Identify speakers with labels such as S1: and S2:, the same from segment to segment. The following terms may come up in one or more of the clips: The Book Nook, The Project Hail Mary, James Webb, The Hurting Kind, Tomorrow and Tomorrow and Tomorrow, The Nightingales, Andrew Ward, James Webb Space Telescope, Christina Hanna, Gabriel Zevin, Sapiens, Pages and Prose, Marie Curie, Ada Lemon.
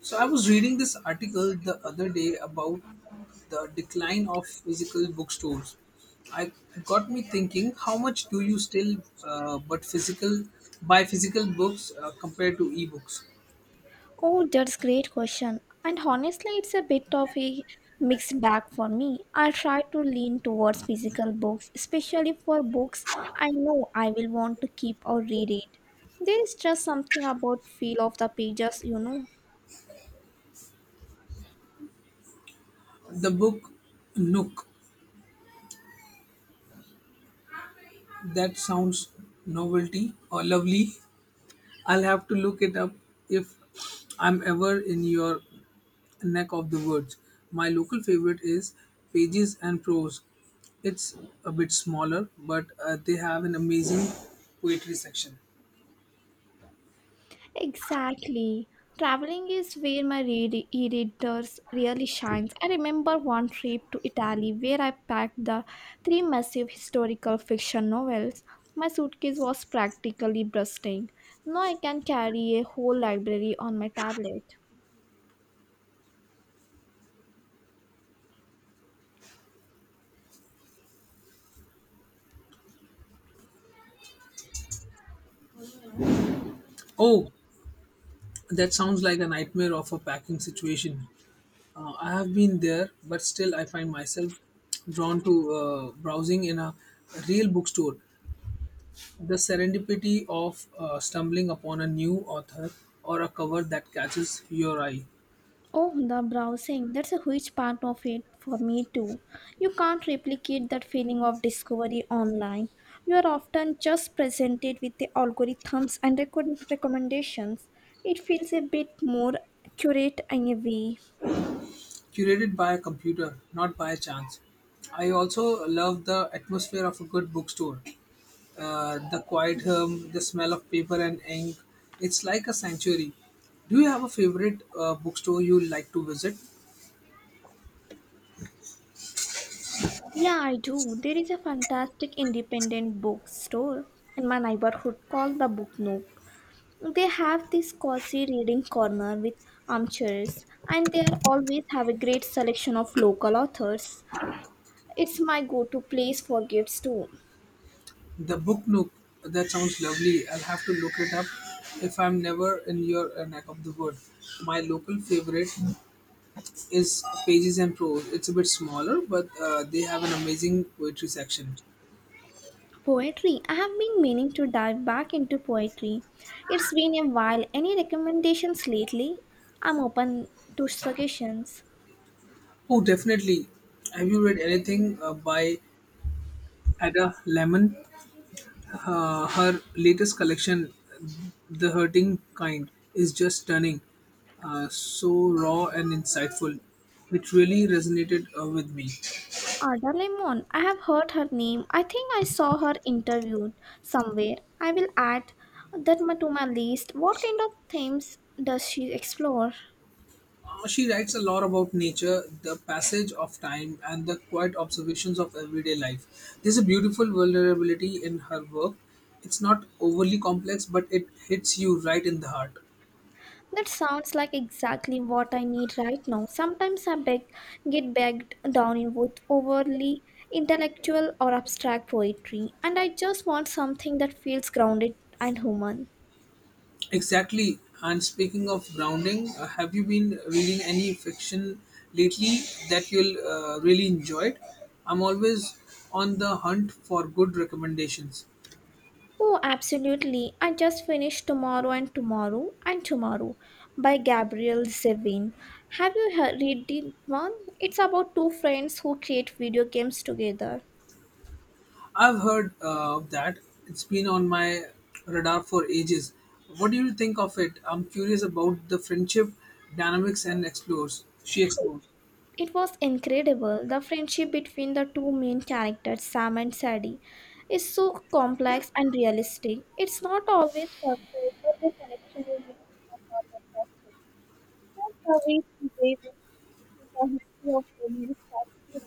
S1: So I was reading this article the other day about the decline of physical bookstores. I got me thinking, how much do you still but physical buy physical books compared to e-books?
S2: Oh, that's great question. And honestly, it's a bit of a mixed bag for me. I try to lean towards physical books, especially for books I know I will want to keep or reread. There is just something about feel of the pages, you know.
S1: The Book Nook, that sounds novelty or lovely. I'll have to look it up if I'm ever in your neck of the woods. My local favorite is Pages and Prose. It's a bit smaller, but they have an amazing poetry section.
S2: Exactly. Traveling is where my e-readers really shines. I remember one trip to Italy where I packed the three massive historical fiction novels. My suitcase was practically bursting. Now I can carry a whole library on my tablet.
S1: Oh, that sounds like a nightmare of a packing situation. I have been there, but still I find myself drawn to browsing in a real bookstore. The serendipity of stumbling upon a new author or a cover that catches your eye,
S2: Oh, the browsing. That's a huge part of it for me too. You can't replicate that feeling of discovery online. You are often just presented with the algorithms and recommendations. It feels a bit more accurate in a way.
S1: curated by a computer, not by a chance. I also love the atmosphere of a good bookstore, the quiet hum, the smell of paper and ink. It's like a sanctuary. Do you have a favorite bookstore you like to visit?
S2: Yeah, I do. There is a fantastic independent bookstore in my neighborhood called the Book Nook. They have this cozy reading corner with armchairs, and they are always have a great selection of local authors. It's my go to place for gifts too.
S1: The Book Nook. That sounds lovely. I'll have to look it up if I'm never in your neck of the wood. My local favorite is Pages and Prose. It's a bit smaller, but they have an amazing poetry section.
S2: Poetry. I have been meaning to dive back into poetry. It's been a while. Any recommendations lately? I'm open to suggestions.
S1: Oh, definitely. Have you read anything by Ada Lemon? Her latest collection, The Hurting Kind, is just stunning. So raw and insightful. It really resonated with me.
S2: Ada Lemon. I have heard her name. I think I saw her interviewed somewhere. I will add to my list. What kind of themes does she explore?
S1: She writes a lot about nature, the passage of time, and the quiet observations of everyday life. There's a beautiful vulnerability in her work. It's not overly complex, but it hits you right in the heart.
S2: That sounds like exactly what I need right now. Sometimes I beg, get bogged down in with overly intellectual or abstract poetry, and I just want something that feels grounded and human.
S1: Exactly. And speaking of grounding, have you been reading any fiction lately that you'll really enjoyed? I'm always on the hunt for good recommendations.
S2: Oh, absolutely. I just finished Tomorrow and Tomorrow and Tomorrow by Gabriel Zevin. Have you read it one? It's about two friends who create video games together.
S1: I've heard of that. It's been on my radar for ages. What do you think of it? I'm curious about the friendship dynamics and explores. She explores.
S2: It was incredible. The friendship between the two main characters, Sam and Sadie, is so complex and realistic. It's not always perfect, but the connection is really fantastic. That's the way she waves through the history of family specific.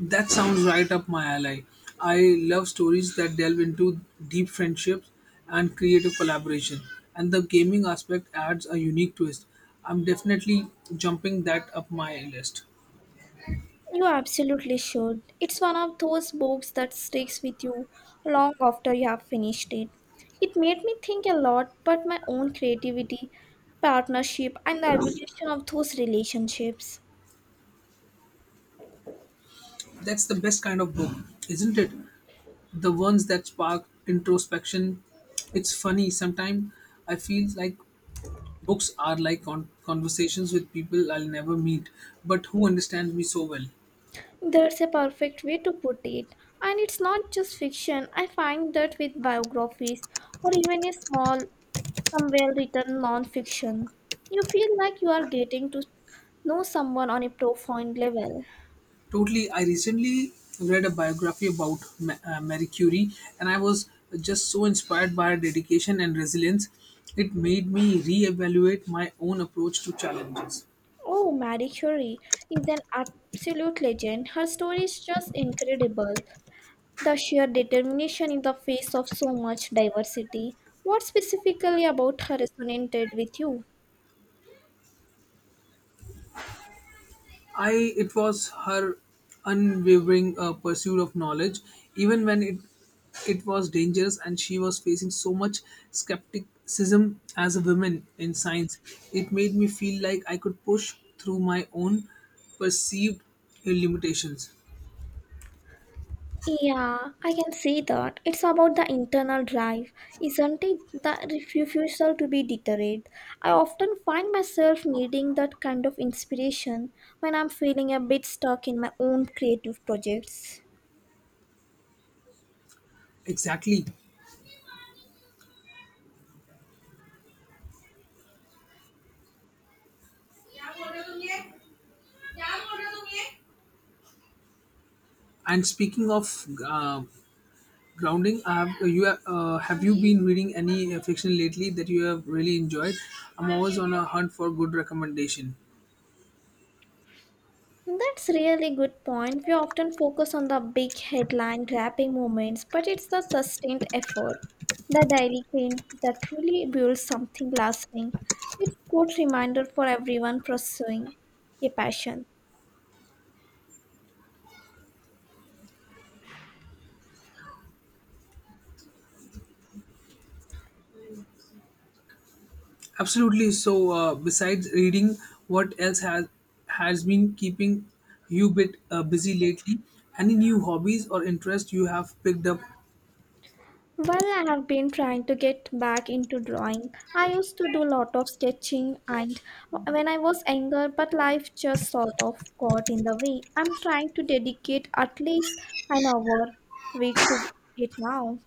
S1: That sounds right up my alley. I love stories that delve into deep friendships and creative collaboration, and the gaming aspect adds a unique twist. I'm definitely jumping that up my list.
S2: You absolutely should. It's one of those books that sticks with you long after you have finished it. It made me think a lot about my own creativity, partnership, and the evolution of those relationships.
S1: That's the best kind of book, isn't it? The ones that spark introspection. It's funny, sometimes I feel like books are like conversations with people I'll never meet, but who understands me so well.
S2: That's a perfect way to put it. And it's not just fiction. I find that with biographies or even a small, some well written non fiction, you feel like you are getting to know someone on a profound level.
S1: Totally, I recently read a biography about Marie Curie, and I was just so inspired by her dedication and resilience. It made me reevaluate my own approach to challenges.
S2: Oh, Marie Curie is an absolute legend. Her story is just incredible. The sheer determination in the face of so much diversity. What specifically about her resonated with you?
S1: I it was her unwavering pursuit of knowledge, even when it was dangerous and she was facing so much skepticism as a woman in science. It made me feel like I could push through my own perceived limitations.
S2: Yeah, I can see that. It's about the internal drive, isn't it? The refusal to be deterred. I often find myself needing that kind of inspiration when I'm feeling a bit stuck in my own creative projects.
S1: Exactly. And speaking of grounding, have you been reading any fiction lately that you have really enjoyed? I'm always on a hunt for good recommendation.
S2: That's really good point. We often focus on the big headline grabbing moments, but it's the sustained effort, the daily grind that truly builds something lasting. It's good reminder for everyone pursuing a passion.
S1: Absolutely. So, besides reading, what else has been keeping you bit busy lately? Any new hobbies or interests you have picked up?
S2: Well, I have been trying to get back into drawing. I used to do a lot of sketching and when I was younger, but life just sort of got in the way. I'm trying to dedicate at least an hour week to it now.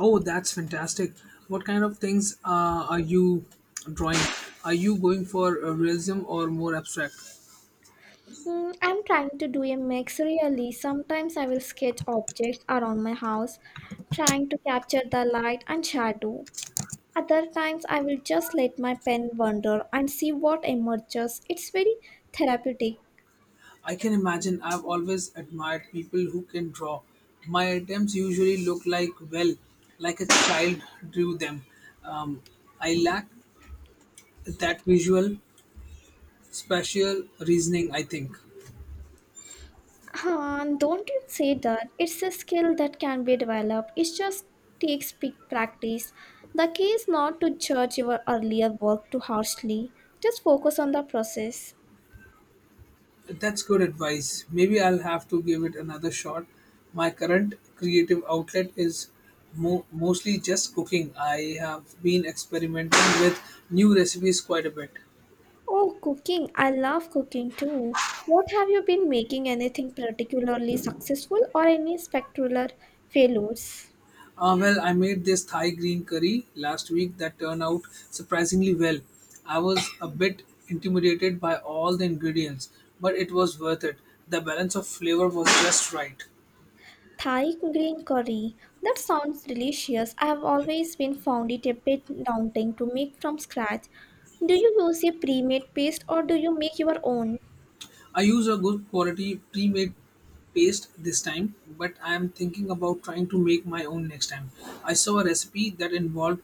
S1: Oh, that's fantastic! What kind of things are you drawing? Are you going for realism or more abstract?
S2: I'm trying to do a mix really. Sometimes I will sketch objects around my house, trying to capture the light and shadow. Other times I will just let my pen wander and see what emerges. It's very therapeutic.
S1: I can imagine. I've always admired people who can draw. My attempts usually look like, well, like a child drew them. Um, I lack that visual spatial reasoning, I think.
S2: Don't you say that. It's a skill that can be developed. It just takes big practice. The key is not to judge your earlier work too harshly. Just focus on the process.
S1: That's good advice. Maybe I'll have to give it another shot. My current creative outlet is mostly just cooking. I have been experimenting with new recipes quite a bit.
S2: Oh, cooking. I love cooking too. What have you been making? Anything particularly successful or any spectacular failures?
S1: Well, I made this Thai green curry last week that turned out surprisingly well. I was a bit intimidated by all the ingredients, but it was worth it. The balance of flavor was just right.
S2: Thai green curry. That sounds delicious. I have always been found it a bit daunting to make from scratch. Do you use a pre-made paste or do you make your own?
S1: I use a good quality pre-made paste this time, but I am thinking about trying to make my own next time. I saw a recipe that involved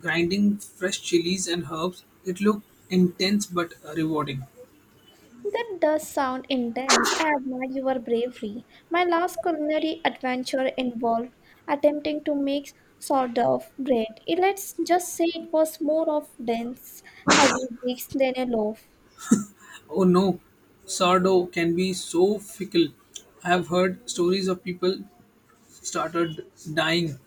S1: grinding fresh chilies and herbs. It looked intense but rewarding.
S2: That does sound intense. I admire your bravery. My last culinary adventure involved attempting to make sourdough bread. Eh, let's just say it was more of dense, heavy bricks than a loaf.
S1: Oh no, sourdough can be so fickle. I have heard stories of people started dying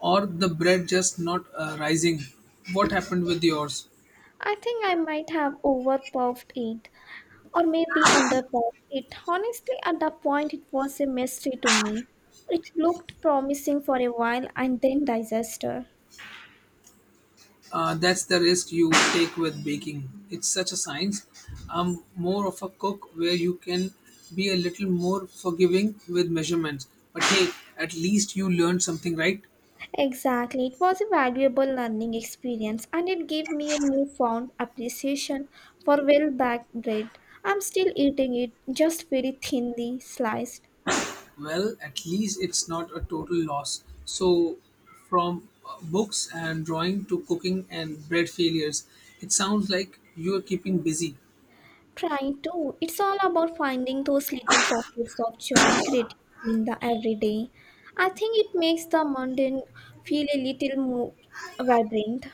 S1: or the bread just not rising. What happened with yours?
S2: I think I might have overpuffed it, or maybe underbought it. Honestly, at that point, it was a mystery to me. It looked promising for a while and then disaster.
S1: That's the risk you take with baking. It's such a science. I'm more of a cook where you can be a little more forgiving with measurements. But hey, at least you learned something, right?
S2: Exactly, it was a valuable learning experience and it gave me a newfound appreciation for well baked bread. I'm still eating it, just very thinly sliced.
S1: Well, at least it's not a total loss. So, from books and drawing to cooking and bread failures, it sounds like you're keeping busy.
S2: Trying to. It's all about finding those little pockets of joy and creativity in the everyday. I think it makes the mundane feel a little more vibrant.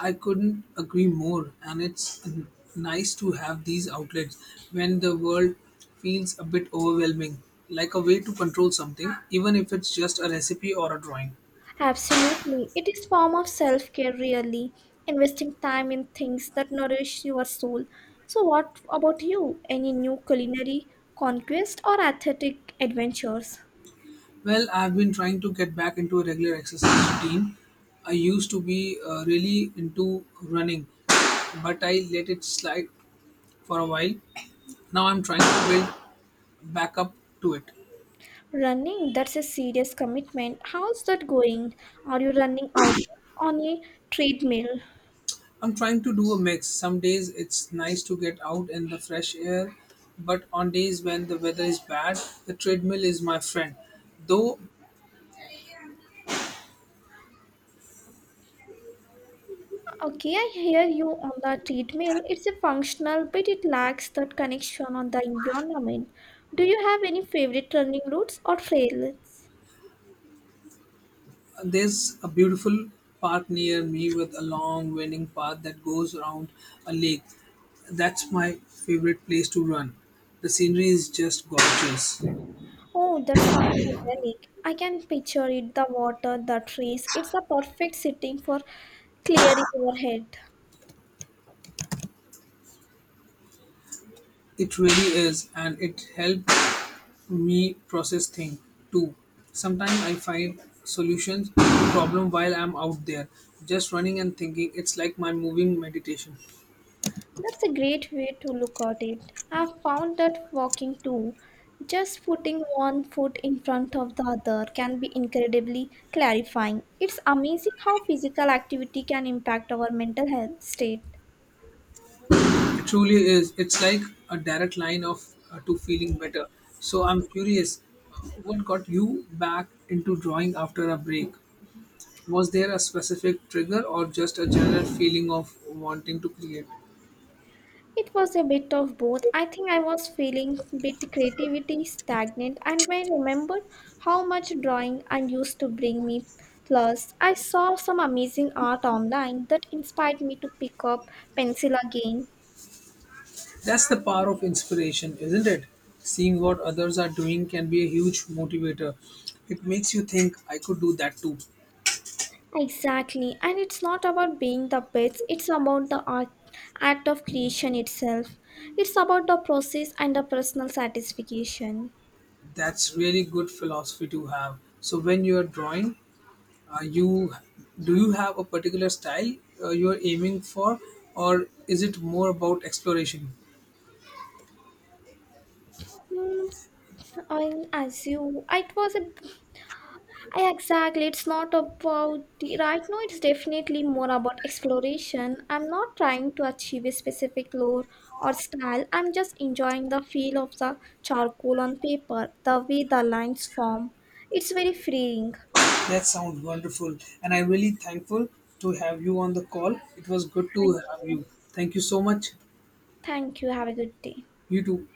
S1: I couldn't agree more, and it's nice to have these outlets when the world feels a bit overwhelming, like a way to control something, even if it's just a recipe or a drawing.
S2: Absolutely. It is form of self-care really, investing time in things that nourish your soul. So what about you? Any new culinary conquest or athletic adventures?
S1: Well, I've been trying to get back into a regular exercise routine. I used to be really into running, but I let it slide for a while. Now I'm trying to build back up to it.
S2: Running, that's a serious commitment. How's that going? Are you running out on a treadmill?
S1: I'm trying to do a mix. Some days it's nice to get out in the fresh air, but on days when the weather is bad, the treadmill is my friend. Though
S2: Okay, I hear you on the treadmill. It's a functional, but it lacks that connection on the environment. Do you have any favorite running routes or trails?
S1: there's a beautiful park near me with a long winding path that goes around a lake. That's my favorite place to run. The scenery is just gorgeous.
S2: Oh, that sounds idyllic. I can picture it, the water, the trees. It's a perfect setting for clearing your head.
S1: It really is, and it helps me process thing too. Sometimes I find solutions to problem while I'm out there, just running and thinking. It's like my moving meditation.
S2: That's a great way to look at it. I've found that walking too, just putting one foot in front of the other, can be incredibly clarifying. It's amazing how physical activity can impact our mental health state.
S1: It truly is. It's like a direct line of to feeling better. So I'm curious, what got you back into drawing after a break? Was there a specific trigger or just a general feeling of wanting to create?
S2: It was a bit of both. I think I was feeling bit creativity stagnant and I remembered how much drawing I used to bring me. Plus, I saw some amazing art online that inspired me to pick up pencil again.
S1: That's the power of inspiration, isn't it? Seeing what others are doing can be a huge motivator. It makes you think, I could do that too.
S2: Exactly, and it's not about being the best, it's about the art, act of creation itself. It's about the process and the personal satisfaction.
S1: That's really good philosophy to have. So when you are drawing, you do you have a particular style you are aiming for, or is it more about exploration?
S2: Hmm, I as you, it was a, I Exactly. It's not about the- Right now, it's definitely more about exploration. I'm not trying to achieve a specific lore or style. I'm just enjoying the feel of the charcoal on paper, the way the lines form. It's very freeing.
S1: That sounds wonderful, and I'm really thankful to have you on the call. It was good
S2: Thank
S1: to have
S2: you.
S1: you. Thank you so much.
S2: Thank you. Have a good day.
S1: You too.